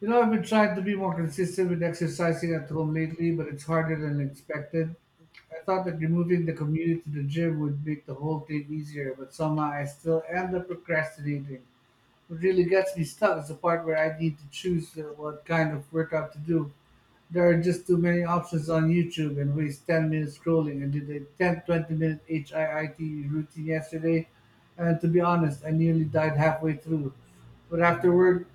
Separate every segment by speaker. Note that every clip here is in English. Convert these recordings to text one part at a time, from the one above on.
Speaker 1: You know, I've been trying to be more consistent with exercising at home lately, but it's harder than expected. I thought that removing the commute to the gym would make the whole thing easier, but somehow I still end up procrastinating. What really gets me stuck is the part where I need to choose what kind of workout to do. There are just too many options on YouTube and waste 10 minutes scrolling. I did a 10-20 minute HIIT routine yesterday, and to be honest, I nearly died halfway through. But afterward,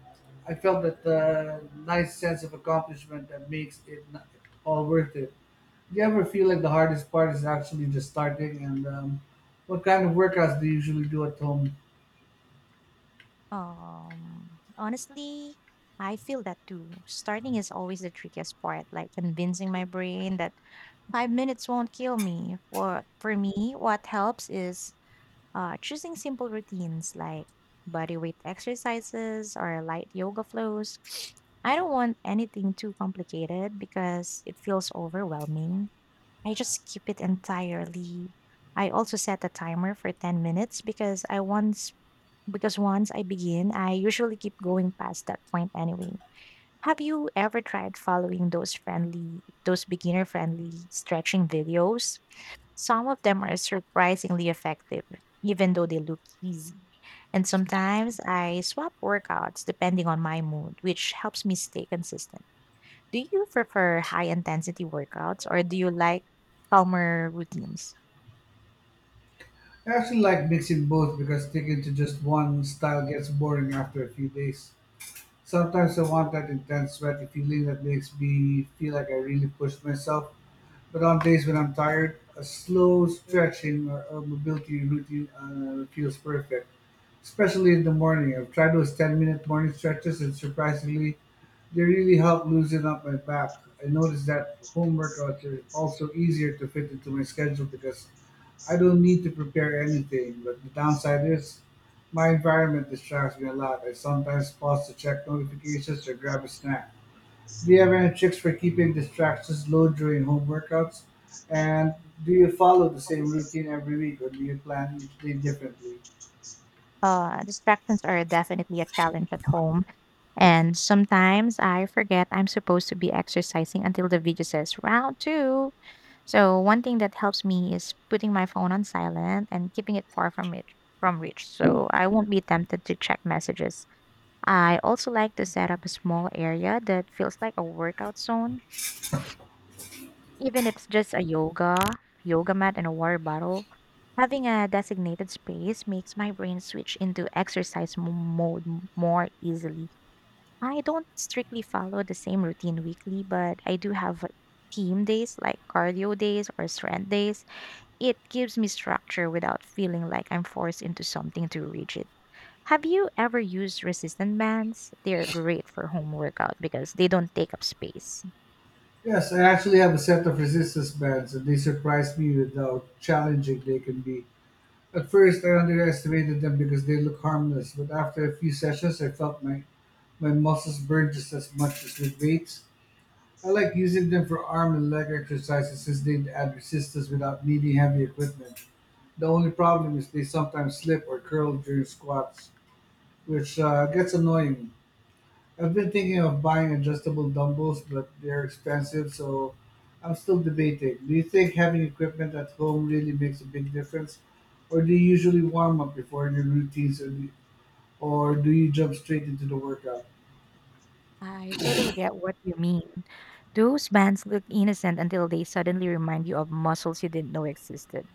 Speaker 1: I felt that nice sense of accomplishment that makes it all worth it. Do you ever feel like the hardest part is actually just starting? And What kind of workouts do you usually do at home?
Speaker 2: Honestly, I feel that too. Starting is always the trickiest part, like convincing my brain that five minutes won't kill me. For me, what helps is choosing simple routines like body weight exercises or light yoga flows. I don't want anything too complicated because it feels overwhelming. I just skip it entirely. I also set a timer for 10 minutes because once I begin, I usually keep going past that point anyway. Have you ever tried following those beginner friendly stretching videos? Some of them are surprisingly effective, even though they look easy. And sometimes I swap workouts depending on my mood, which helps me stay consistent. Do you prefer high intensity workouts or do you like calmer routines?
Speaker 1: I actually like mixing both because sticking to just one style gets boring after a few days. Sometimes I want that intense sweaty feeling that makes me feel like I really pushed myself. But on days when I'm tired, a slow stretching or mobility routine feels perfect, especially in the morning. I've tried those 10-minute morning stretches, and surprisingly, they really help loosen up my back. I noticed that home workouts are also easier to fit into my schedule because I don't need to prepare anything. But the downside is my environment distracts me a lot. I sometimes pause to check notifications or grab a snack. Do you have any tricks for keeping distractions low during home workouts? And do you follow the same routine every week or do you plan each day differently?
Speaker 2: Distractions are definitely a challenge at home. And sometimes I forget I'm supposed to be exercising until the video says round two. So one thing that helps me is putting my phone on silent and keeping it far from it from reach so I won't be tempted to check messages. I also like to set up a small area that feels like a workout zone, even if it's just a yoga mat and a water bottle. Having a designated space makes my brain switch into exercise mode more easily. I don't strictly follow the same routine weekly, but I do have like, theme days like cardio days or strength days. It gives me structure without feeling like I'm forced into something too rigid. Have you ever used resistant bands? They're great for home workout because they don't take up space.
Speaker 1: Yes, I actually have a set of resistance bands and they surprised me with how challenging they can be. At first, I underestimated them because they look harmless, but after a few sessions, I felt my muscles burn just as much as with weights. I like using them for arm and leg exercises since they add resistance without needing heavy equipment. The only problem is they sometimes slip or curl during squats, which gets annoying. I've been thinking of buying adjustable dumbbells, but they're expensive, so I'm still debating. Do you think having equipment at home really makes a big difference, or do you usually warm up before your routines, or do you jump straight into the workout?
Speaker 2: I totally get what you mean. Those bands look innocent until they suddenly remind you of muscles you didn't know existed.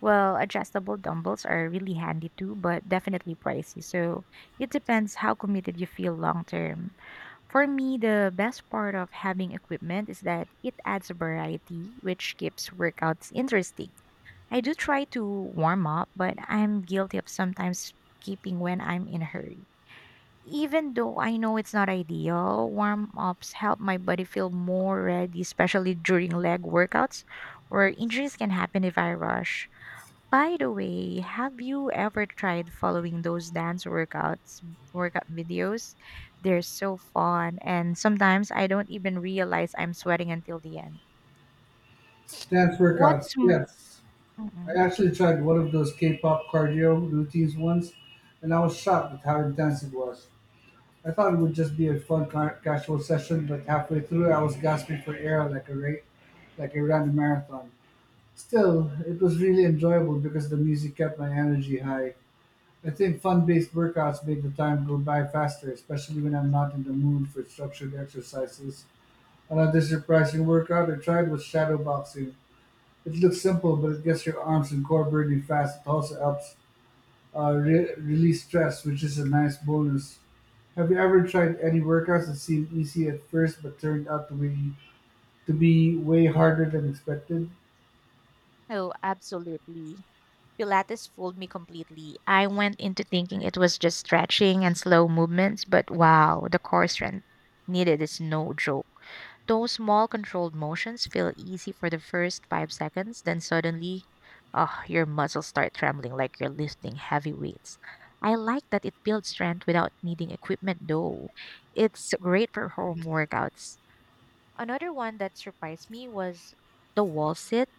Speaker 2: Well, adjustable dumbbells are really handy too, but definitely pricey. So it depends how committed you feel long term. For me, the best part of having equipment is that it adds variety, which keeps workouts interesting. I do try to warm up, but I'm guilty of sometimes skipping when I'm in a hurry. Even though I know it's not ideal, warm ups help my body feel more ready, especially during leg workouts where injuries can happen if I rush. By the way, have you ever tried following workout videos? They're so fun, and sometimes I don't even realize I'm sweating until the end.
Speaker 1: Dance workouts,
Speaker 2: What's m-
Speaker 1: yes. I
Speaker 2: Mhm.
Speaker 1: actually tried one of those K-pop cardio routines once, and I was shocked at how intense it was. I thought it would just be a fun casual session, but halfway through, I was gasping for air like a ran marathon. Still, it was really enjoyable because the music kept my energy high. I think fun-based workouts make the time go by faster, especially when I'm not in the mood for structured exercises. Another surprising workout I tried was shadow boxing. It looks simple, but it gets your arms and core burning fast. It also helps release stress, which is a nice bonus. Have you ever tried any workouts that seemed easy at first but turned out to be way harder than expected?
Speaker 2: Oh, absolutely. Pilates fooled me completely. I went into thinking it was just stretching and slow movements, but wow, the core strength needed is no joke. Those small controlled motions feel easy for the first five seconds, then suddenly, ah, your muscles start trembling like you're lifting heavy weights. I like that it builds strength without needing equipment, though. It's great for home workouts. Another one that surprised me was the wall sit.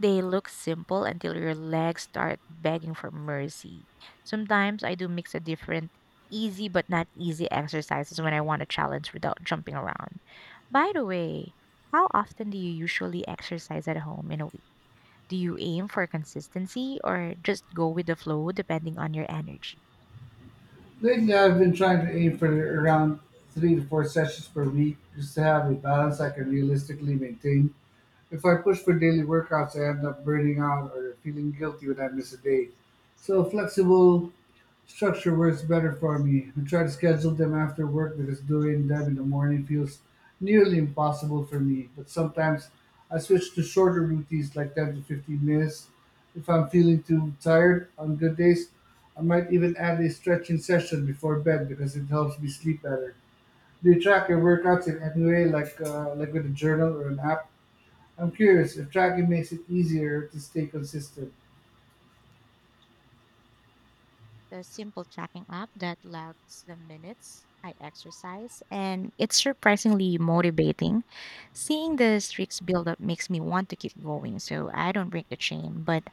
Speaker 2: They look simple until your legs start begging for mercy. Sometimes I do mix a different easy but not easy exercises when I want a challenge without jumping around. By the way, how often do you usually exercise at home in a week? Do you aim for consistency or just go with the flow depending on your energy?
Speaker 1: Lately, I've been trying to aim for around 3 to 4 sessions per week just to have a balance I can realistically maintain. If I push for daily workouts, I end up burning out or feeling guilty when I miss a day. So flexible structure works better for me. I try to schedule them after work because doing them in the morning feels nearly impossible for me. But sometimes I switch to shorter routines like 10 to 15 minutes. If I'm feeling too tired on good days, I might even add a stretching session before bed because it helps me sleep better. Do you track your workouts in any way, like with a journal or an app? I'm curious if tracking makes it easier to stay consistent.
Speaker 2: The simple tracking app that logs the minutes I exercise, and it's surprisingly motivating. Seeing the streaks build up makes me want to keep going, so I don't break the chain, but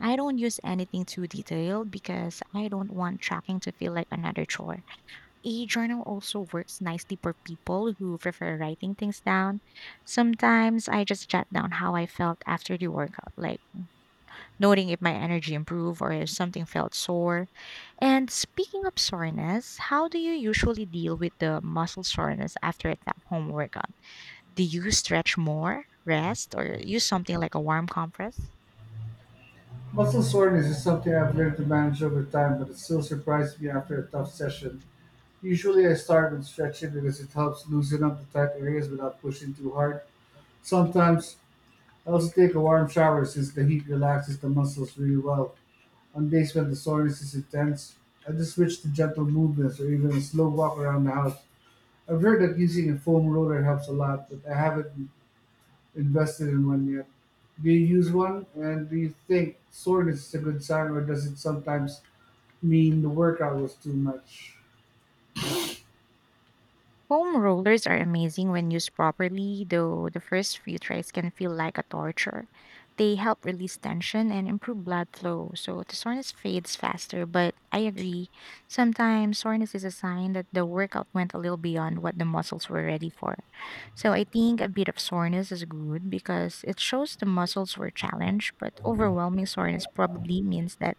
Speaker 2: I don't use anything too detailed because I don't want tracking to feel like another chore. A journal also works nicely for people who prefer writing things down. Sometimes I just jot down how I felt after the workout, like noting if my energy improved or if something felt sore. And speaking of soreness, how do you usually deal with the muscle soreness after a tough home workout? Do you stretch more, rest, or use something like a warm compress?
Speaker 1: Muscle soreness is something I've learned to manage over time, but it still surprises me after a tough session. Usually I start with stretching because it helps loosen up the tight areas without pushing too hard. Sometimes I also take a warm shower since the heat relaxes the muscles really well. On days when the soreness is intense, I just switch to gentle movements or even a slow walk around the house. I've heard that using a foam roller helps a lot, but I haven't invested in one yet. Do you use one? And do you think soreness is a good sign, or does it sometimes mean the workout was too much?
Speaker 2: Foam rollers are amazing when used properly, though the first few tries can feel like a torture. They help release tension and improve blood flow, so the soreness fades faster. But I agree, sometimes soreness is a sign that the workout went a little beyond what the muscles were ready for. So I think a bit of soreness is good because it shows the muscles were challenged, but overwhelming soreness probably means that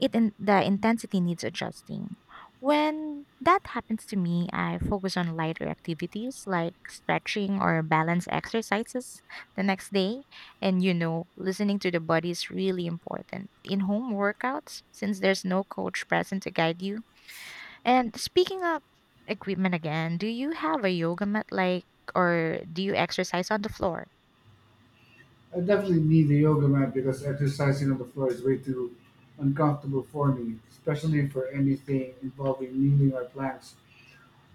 Speaker 2: the intensity needs adjusting. When that happens to me, I focus on lighter activities like stretching or balance exercises the next day. And you know, listening to the body is really important in home workouts since there's no coach present to guide you. And speaking of equipment again, do you have a yoga mat like or do you exercise on the floor?
Speaker 1: I definitely need a yoga mat because exercising on the floor is way too uncomfortable for me, especially for anything involving kneeling or planks.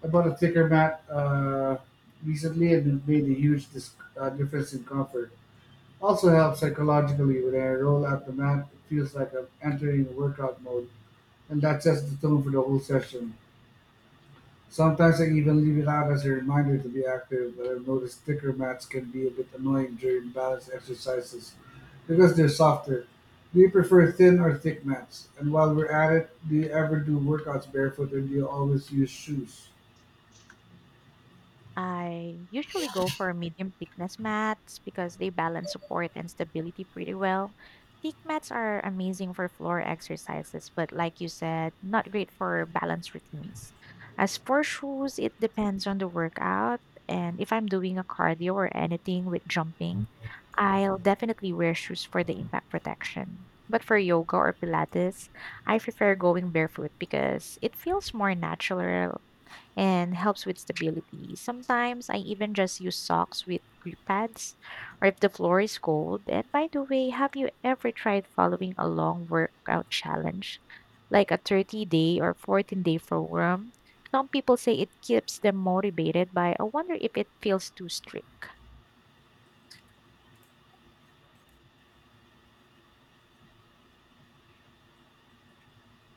Speaker 1: I bought a thicker mat recently and it made a huge difference in comfort. Also helps psychologically when I roll out the mat, it feels like I'm entering workout mode, and that sets the tone for the whole session. Sometimes I even leave it out as a reminder to be active, but I've noticed thicker mats can be a bit annoying during balance exercises because they're softer. Do you prefer thin or thick mats? And while we're at it, do you ever do workouts barefoot or do you always use shoes?
Speaker 2: I usually go for medium thickness mats because they balance support and stability pretty well. Thick mats are amazing for floor exercises, but like you said, not great for balance routines. As for shoes, it depends on the workout. And if I'm doing a cardio or anything with jumping, I'll definitely wear shoes for the impact protection. But for yoga or Pilates, I prefer going barefoot because it feels more natural and helps with stability. Sometimes I even just use socks with grip pads or if the floor is cold. And by the way, have you ever tried following a long workout challenge like a 30 day or 14-day program? Some people say it keeps them motivated, but I wonder if it feels too strict.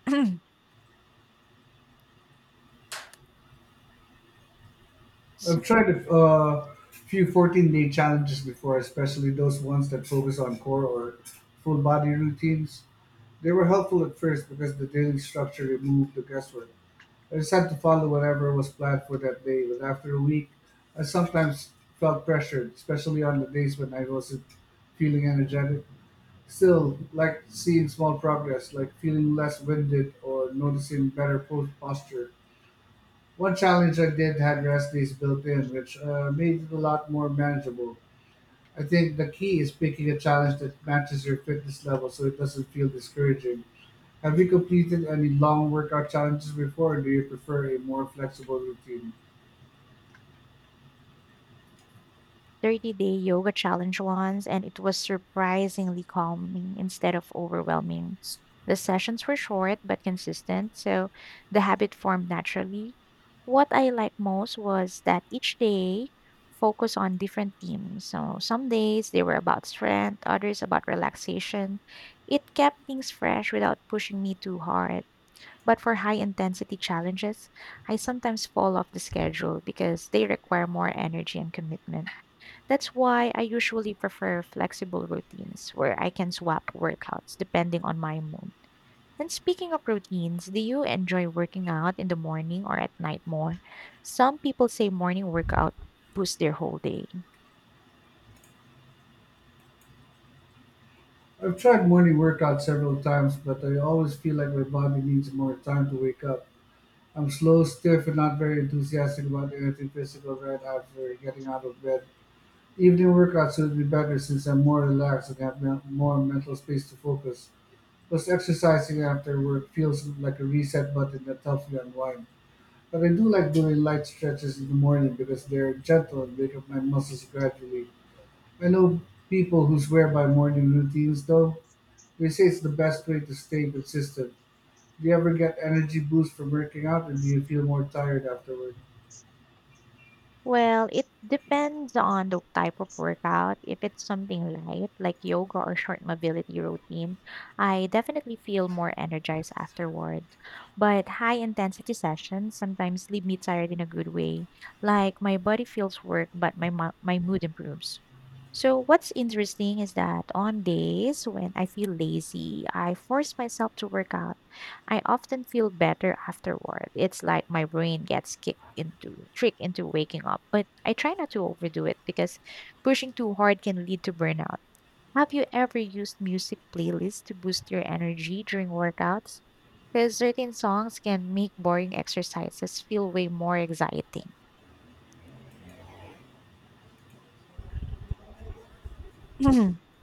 Speaker 1: I've tried a few 14-day challenges before, especially those ones that focus on core or full body routines. They were helpful at first because the daily structure removed the guesswork. I just had to follow whatever was planned for that day, but after a week, I sometimes felt pressured, especially on the days when I wasn't feeling energetic. Still, like seeing small progress, like feeling less winded or noticing better posture. One challenge I did had rest days built in, which made it a lot more manageable. I think the key is picking a challenge that matches your fitness level so it doesn't feel discouraging. Have you completed any long workout challenges before, or do you prefer a more flexible routine?
Speaker 2: 30-day yoga challenge once, and it was surprisingly calming instead of overwhelming. The sessions were short but consistent, so the habit formed naturally. What I liked most was that each day focused on different themes. So some days they were about strength, others about relaxation. It kept things fresh without pushing me too hard. But for high intensity challenges, I sometimes fall off the schedule because they require more energy and commitment. That's why I usually prefer flexible routines where I can swap workouts depending on my mood. And speaking of routines, do you enjoy working out in the morning or at night more? Some people say morning workout boosts their whole day.
Speaker 1: I've tried morning workouts several times, but I always feel like my body needs more time to wake up. I'm slow, stiff, and not very enthusiastic about anything physical right after getting out of bed. Evening workouts would be better since I'm more relaxed and have more mental space to focus. Plus, exercising after work feels like a reset button that helps me unwind. But I do like doing light stretches in the morning because they're gentle and wake up my muscles gradually. I know people who swear by morning routines though. They say it's the best way to stay consistent. Do you ever get energy boost from working out or do you feel more tired afterward?
Speaker 2: Well, it depends on the type of workout. If it's something light, like yoga or short mobility routine, I definitely feel more energized afterward. But high intensity sessions sometimes leave me tired in a good way. Like my body feels work, but my mood improves. So, what's interesting is that on days when I feel lazy, I force myself to work out. I often feel better afterward. It's like my brain gets kicked into tricked into waking up, but I try not to overdo it because pushing too hard can lead to burnout. Have you ever used music playlists to boost your energy during workouts? Because certain songs can make boring exercises feel way more exciting.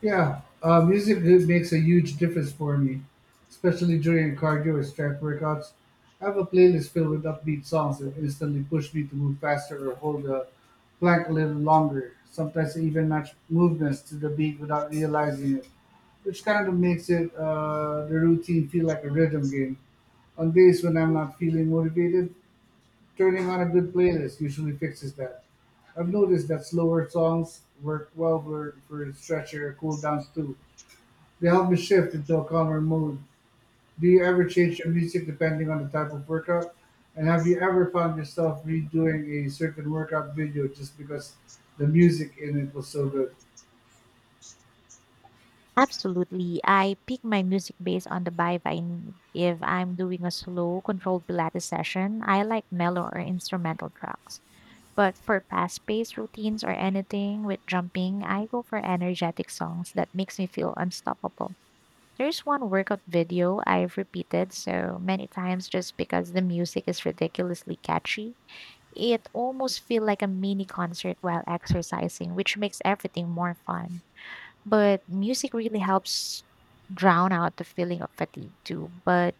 Speaker 1: Yeah, music really makes a huge difference for me, especially during cardio or strength workouts. I have a playlist filled with upbeat songs that instantly push me to move faster or hold a plank a little longer. Sometimes I even match movements to the beat without realizing it, which kind of makes it the routine feel like a rhythm game. On days when I'm not feeling motivated, turning on a good playlist usually fixes that. I've noticed that slower songs work well for stretcher cool downs too. They help me shift into a calmer mood. Do you ever change your music depending on the type of workout? And have you ever found yourself redoing a certain workout video just because the music in it was so good?
Speaker 2: Absolutely. I pick my music based on the vibe I need. If I'm doing a slow, controlled Pilates session, I like mellow or instrumental tracks. But for fast paced routines or anything with jumping, I go for energetic songs that makes me feel unstoppable. There's one workout video I've repeated so many times just because the music is ridiculously catchy. It almost feel like a mini concert while exercising, which makes everything more fun. But music really helps drown out the feeling of fatigue too. But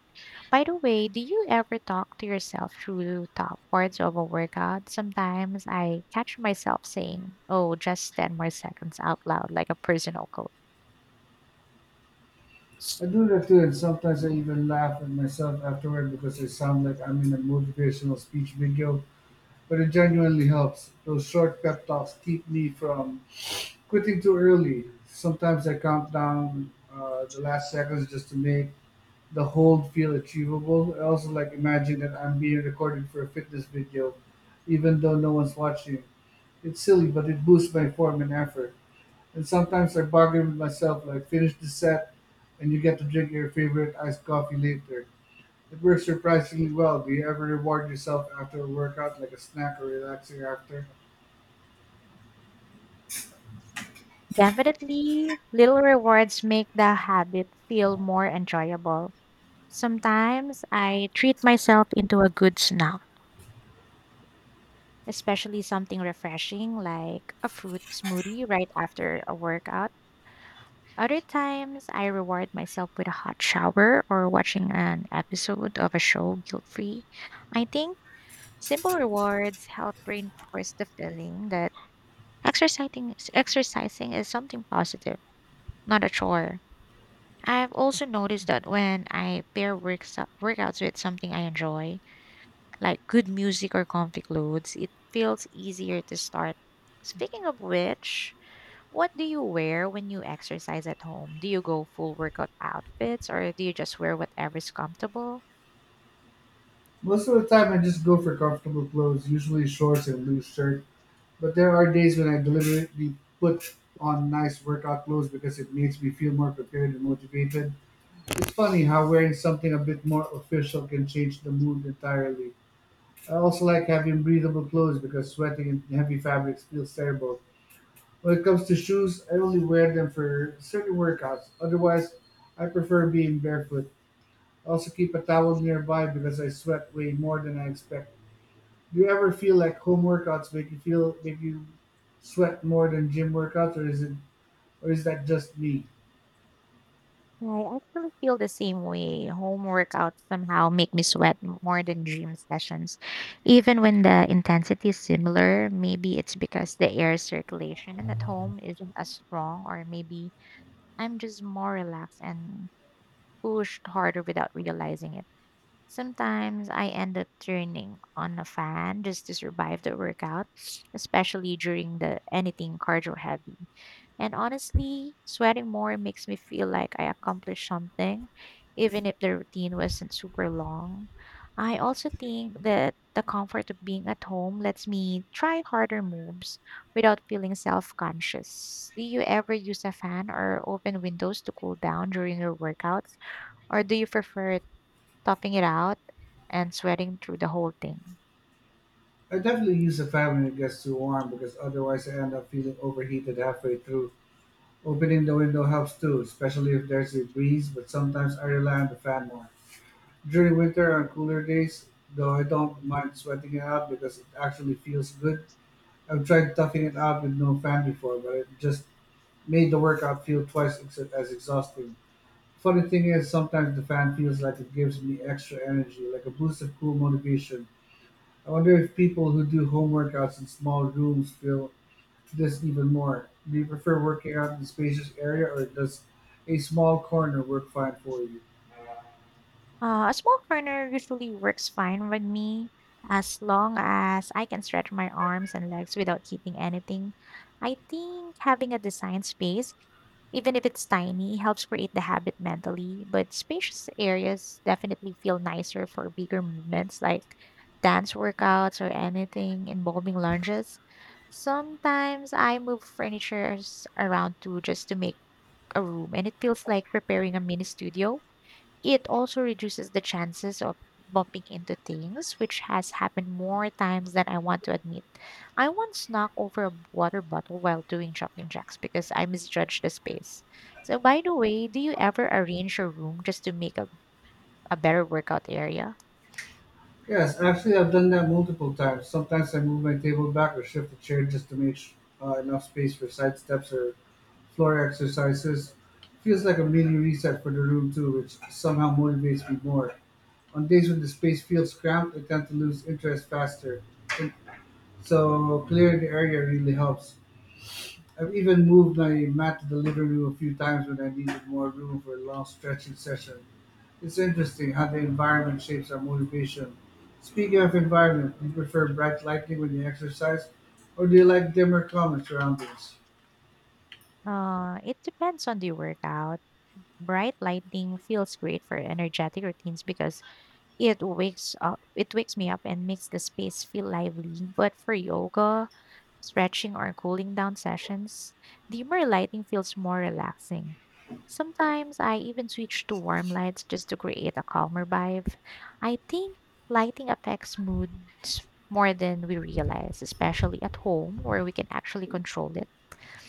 Speaker 2: by the way, do you ever talk to yourself through top parts of a workout? Sometimes I catch myself saying, oh, just 10 more seconds out loud, like a personal coach.
Speaker 1: I do that too, and sometimes I even laugh at myself afterward because I sound like I'm in a motivational speech video. But it genuinely helps. Those short pep talks keep me from quitting too early. Sometimes I count down the last seconds just to make the hold feel achievable. I also like imagine that I'm being recorded for a fitness video, even though no one's watching. It's silly, but it boosts my form and effort. And sometimes I bargain with myself, like finish the set, and you get to drink your favorite iced coffee later. It works surprisingly well. Do you ever reward yourself after a workout, like a snack or relaxing after?
Speaker 2: Definitely, little rewards make the habit feel more enjoyable. Sometimes I treat myself into a good snack, especially something refreshing like a fruit smoothie right after a workout. Other times, I reward myself with a hot shower or watching an episode of a show guilt free. I think simple rewards help reinforce the feeling that exercising is something positive, not a chore. I've also noticed that when I pair workouts with something I enjoy, like good music or comfy clothes, it feels easier to start. Speaking of which, what do you wear when you exercise at home? Do you go full workout outfits or do you just wear whatever's comfortable?
Speaker 1: Most of the time, I just go for comfortable clothes, usually shorts and loose shirts. But there are days when I deliberately put on nice workout clothes because it makes me feel more prepared and motivated. It's funny how wearing something a bit more official can change the mood entirely. I also like having breathable clothes because sweating in heavy fabrics feels terrible. When it comes to shoes, I only wear them for certain workouts. Otherwise, I prefer being barefoot. I also keep a towel nearby because I sweat way more than I expect. Do you ever feel like home workouts make you sweat more than gym workouts, or is that just me?
Speaker 2: I actually feel the same way. Home workouts somehow make me sweat more than gym sessions. Even when the intensity is similar, maybe it's because the air circulation at home isn't as strong, or maybe I'm just more relaxed and pushed harder without realizing it. Sometimes I end up turning on a fan just to survive the workout, especially during the anything cardio heavy. And honestly, sweating more makes me feel like I accomplished something, even if the routine wasn't super long. I also think that the comfort of being at home lets me try harder moves without feeling self conscious. Do you ever use a fan or open windows to cool down during your workouts, or do you prefer topping it out and sweating through the whole thing?
Speaker 1: I definitely use a fan when it gets too warm because otherwise I end up feeling overheated halfway through. Opening the window helps too, especially if there's a breeze, but sometimes I rely on the fan more. During winter on cooler days, though I don't mind sweating it out because it actually feels good. I've tried toughing it out with no fan before, but it just made the workout feel as exhausting. Funny thing is, sometimes the fan feels like it gives me extra energy, like a boost of cool motivation. I wonder if people who do home workouts in small rooms feel this even more. Do you prefer working out in a spacious area, or does a small corner work fine for you?
Speaker 2: A small corner usually works fine with me as long as I can stretch my arms and legs without hitting anything. I think having a design space, even if it's tiny, helps create the habit mentally, but spacious areas definitely feel nicer for bigger movements like dance workouts or anything involving lunges. Sometimes I move furnitures around too just to make a room, and it feels like preparing a mini studio. It also reduces the chances of bumping into things, which has happened more times than I want to admit. I once snuck over a water bottle while doing jumping jacks because I misjudged the space. So, by the way, do you ever arrange your room just to make a better workout area?
Speaker 1: Yes, actually, I've done that multiple times. Sometimes I move my table back or shift the chair just to enough space for side steps or floor exercises. Feels like a mini reset for the room too, which somehow motivates me more. On days when the space feels cramped, I tend to lose interest faster. And so clearing the area really helps. I've even moved my mat to the living room a few times when I needed more room for a long stretching session. It's interesting how the environment shapes our motivation. Speaking of environment, do you prefer bright lighting when you exercise, or do you like dimmer calmer surroundings?
Speaker 2: It depends on the workout. Bright lighting feels great for energetic routines because it wakes me up and makes the space feel lively. But for yoga, stretching, or cooling down sessions, dimmer lighting feels more relaxing. Sometimes I even switch to warm lights just to create a calmer vibe. I think lighting affects moods more than we realize, especially at home where we can actually control it.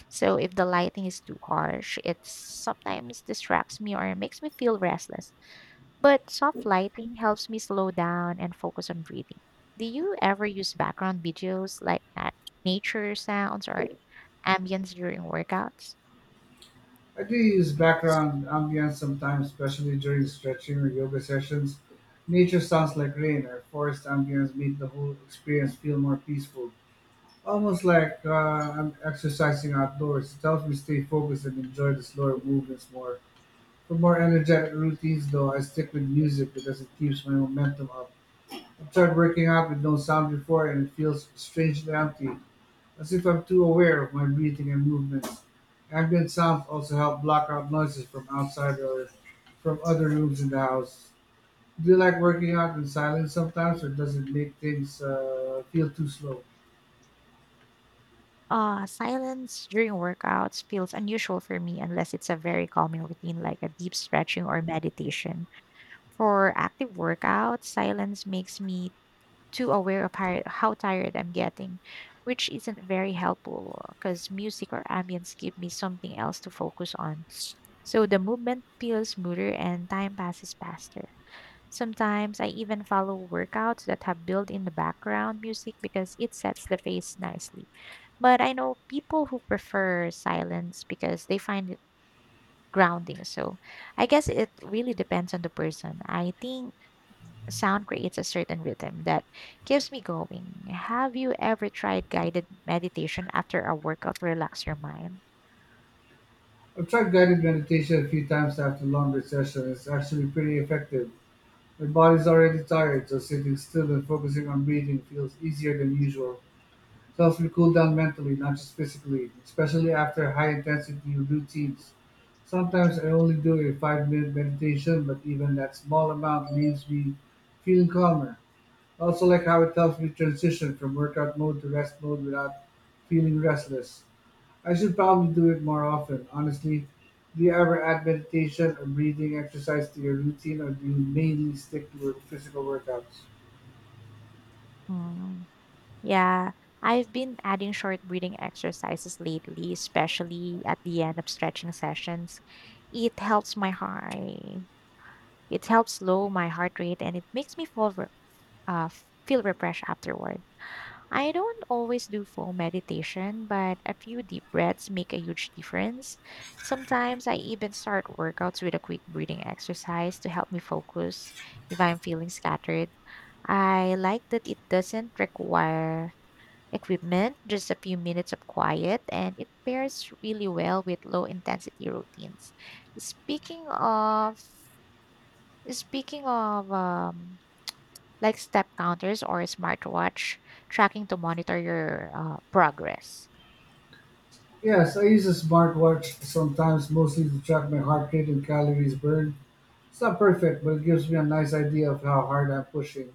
Speaker 2: So if the lighting is too harsh, it sometimes distracts me or makes me feel restless. But soft lighting helps me slow down and focus on breathing. Do you ever use background videos like at nature sounds or ambience during workouts?
Speaker 1: I do use background ambience sometimes, especially during stretching or yoga sessions. Nature sounds like rain or forest ambience make the whole experience feel more peaceful. Almost like I'm exercising outdoors. It helps me stay focused and enjoy the slower movements more. For more energetic routines, though, I stick with music because it keeps my momentum up. I've tried working out with no sound before and it feels strangely empty. As if I'm too aware of my breathing and movements, ambient sounds also help block out noises from outside or from other rooms in the house. Do you like working out in silence sometimes, or does it make things feel too slow?
Speaker 2: Silence during workouts feels unusual for me unless it's a very calming routine like a deep stretching or meditation. For active workouts, silence makes me too aware of how tired I'm getting, which isn't very helpful because music or ambience give me something else to focus on. So the movement feels smoother and time passes faster. Sometimes I even follow workouts that have built in the background music because it sets the pace nicely. But I know people who prefer silence because they find it grounding. So I guess it really depends on the person. I think sound creates a certain rhythm that keeps me going. Have you ever tried guided meditation after a workout to relax your mind?
Speaker 1: I've tried guided meditation a few times after longer sessions. It's actually pretty effective. My body's already tired, so sitting still and focusing on breathing feels easier than usual. Helps me cool down mentally, not just physically, especially after high intensity routines. Sometimes I only do a 5 minute meditation, but even that small amount leaves me feeling calmer. I also like how it helps me transition from workout mode to rest mode without feeling restless. I should probably do it more often. Honestly, do you ever add meditation or breathing exercise to your routine, or do you mainly stick to your physical workouts?
Speaker 2: Mm, yeah, I've been adding short breathing exercises lately, especially at the end of stretching sessions. It helps my heart. It helps slow my heart rate, and it makes me uh, feel refreshed afterward. I don't always do full meditation, but a few deep breaths make a huge difference. Sometimes I even start workouts with a quick breathing exercise to help me focus if I'm feeling scattered. I like that it doesn't require equipment, just a few minutes of quiet, and it pairs really well with low intensity routines. Speaking of speaking of like step counters or smartwatch tracking to monitor your progress.
Speaker 1: Yes, I use a smartwatch sometimes, mostly to track my heart rate and calories burned. It's not perfect, but it gives me a nice idea of how hard I'm pushing.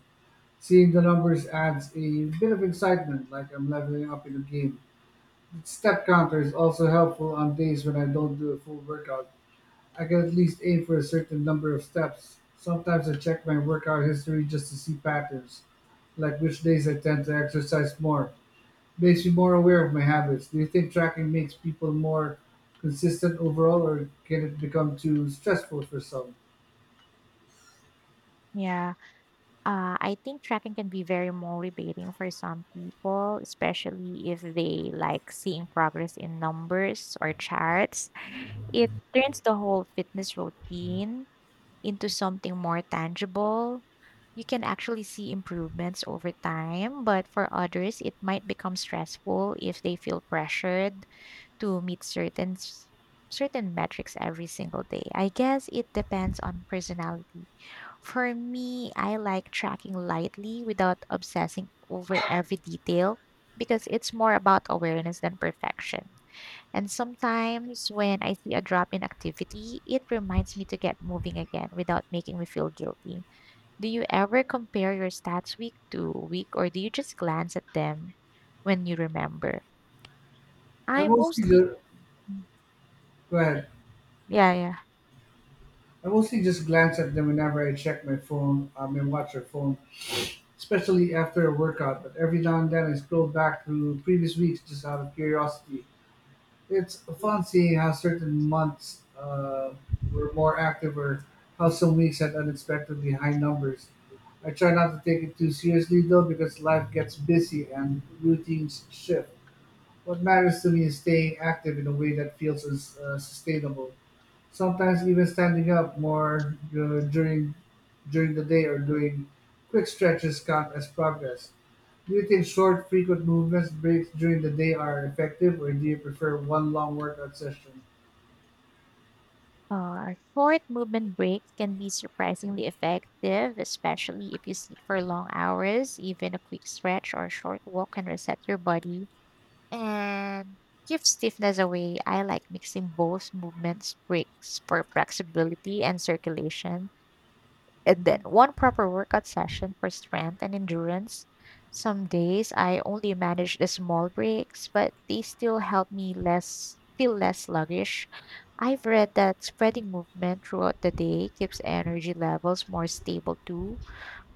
Speaker 1: Seeing the numbers adds a bit of excitement, like I'm leveling up in a game. The step counter is also helpful on days when I don't do a full workout. I can at least aim for a certain number of steps. Sometimes I check my workout history just to see patterns, like which days I tend to exercise more makes me more aware of my habits. Do you think tracking makes people more consistent overall, or can it become too stressful for some?
Speaker 2: Yeah, I think tracking can be very motivating for some people, especially if they like seeing progress in numbers or charts. It turns the whole fitness routine into something more tangible. You can actually see improvements over time, but for others, it might become stressful if they feel pressured to meet certain metrics every single day. I guess it depends on personality. For me, I like tracking lightly without obsessing over every detail because it's more about awareness than perfection. And sometimes when I see a drop in activity, it reminds me to get moving again without making me feel guilty. Do you ever compare your stats week to week, or do you just glance at them when you remember?
Speaker 1: I
Speaker 2: I
Speaker 1: mostly
Speaker 2: mostly.
Speaker 1: just Go ahead.
Speaker 2: Yeah, yeah.
Speaker 1: I mostly just glance at them whenever I check my phone, my watch or phone, especially after a workout. But every now and then I scroll back through previous weeks just out of curiosity. It's fun seeing how certain months were more active or how some weeks had unexpectedly high numbers. I try not to take it too seriously though because life gets busy and routines shift. What matters to me is staying active in a way that feels sustainable. Sometimes even standing up more during the day or doing quick stretches count as progress. Do you think short, frequent movements breaks during the day are effective, or do you prefer one long workout session?
Speaker 2: Short movement breaks can be surprisingly effective, especially if you sit for long hours. Even a quick stretch or short walk can reset your body and give stiffness away. I like mixing both movements breaks for flexibility and circulation. And then one proper workout session for strength and endurance. Some days I only manage the small breaks, but they still help me less feel less sluggish. I've read that spreading movement throughout the day keeps energy levels more stable too,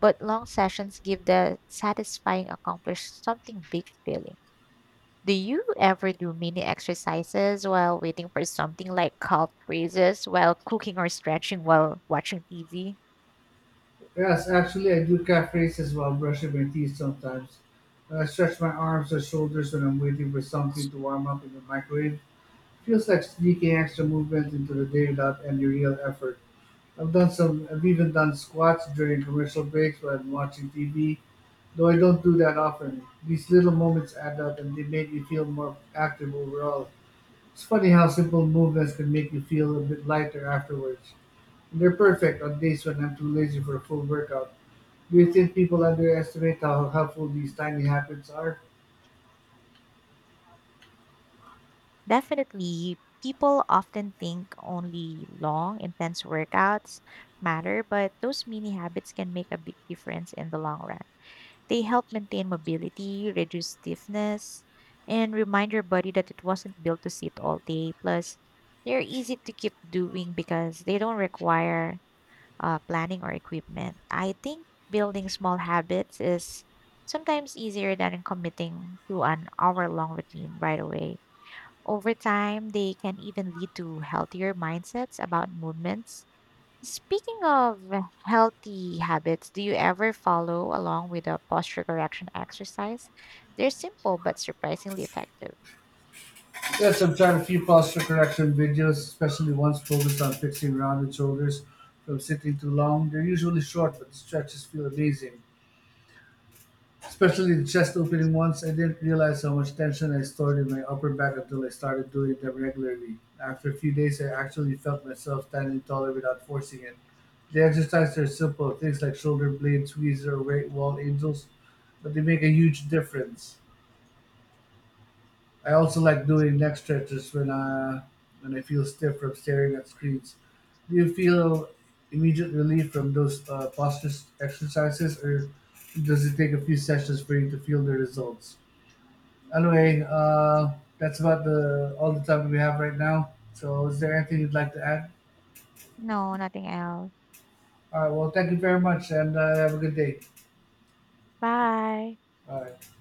Speaker 2: but long sessions give the satisfying accomplish something big feeling. Do you ever do mini exercises while waiting for something, like calf raises while cooking or stretching while watching TV?
Speaker 1: Yes, actually, I do calf raises while brushing my teeth sometimes. I stretch my arms and shoulders when I'm waiting for something to warm up in the microwave. Feels like sneaking extra movement into the day without any real effort. I've done some. I've even done squats during commercial breaks while I'm watching TV, though I don't do that often. These little moments add up, and they make me feel more active overall. It's funny how simple movements can make me feel a bit lighter afterwards. And they're perfect on days when I'm too lazy for a full workout. Do you think people underestimate how helpful these tiny habits are?
Speaker 2: Definitely, people often think only long, intense workouts matter, but those mini habits can make a big difference in the long run. They help maintain mobility, reduce stiffness, and remind your body that it wasn't built to sit all day. Plus, they're easy to keep doing because they don't require planning or equipment. I think building small habits is sometimes easier than committing to an hour long routine right away. Over time, they can even lead to healthier mindsets about movements. Speaking of healthy habits, do you ever follow along with a posture correction exercise? They're simple but surprisingly effective.
Speaker 1: Yes, I've tried a few posture correction videos, especially ones focused on fixing rounded shoulders from sitting too long. They're usually short, but the stretches feel amazing. Especially the chest opening ones. I didn't realize how much tension I stored in my upper back until I started doing them regularly. After a few days, I actually felt myself standing taller without forcing it. The exercises are simple, things like shoulder blade squeezes or weight wall angels, but they make a huge difference. I also like doing neck stretches when I feel stiff from staring at screens. Do you feel immediate relief from those posture exercises, or does it take a few sessions for you to feel the results? Anyway, that's about the all the time we have right now. So, is there anything you'd like to add?
Speaker 2: No, nothing else.
Speaker 1: All right. Well, thank you very much, and have a good day.
Speaker 2: Bye.
Speaker 1: All right.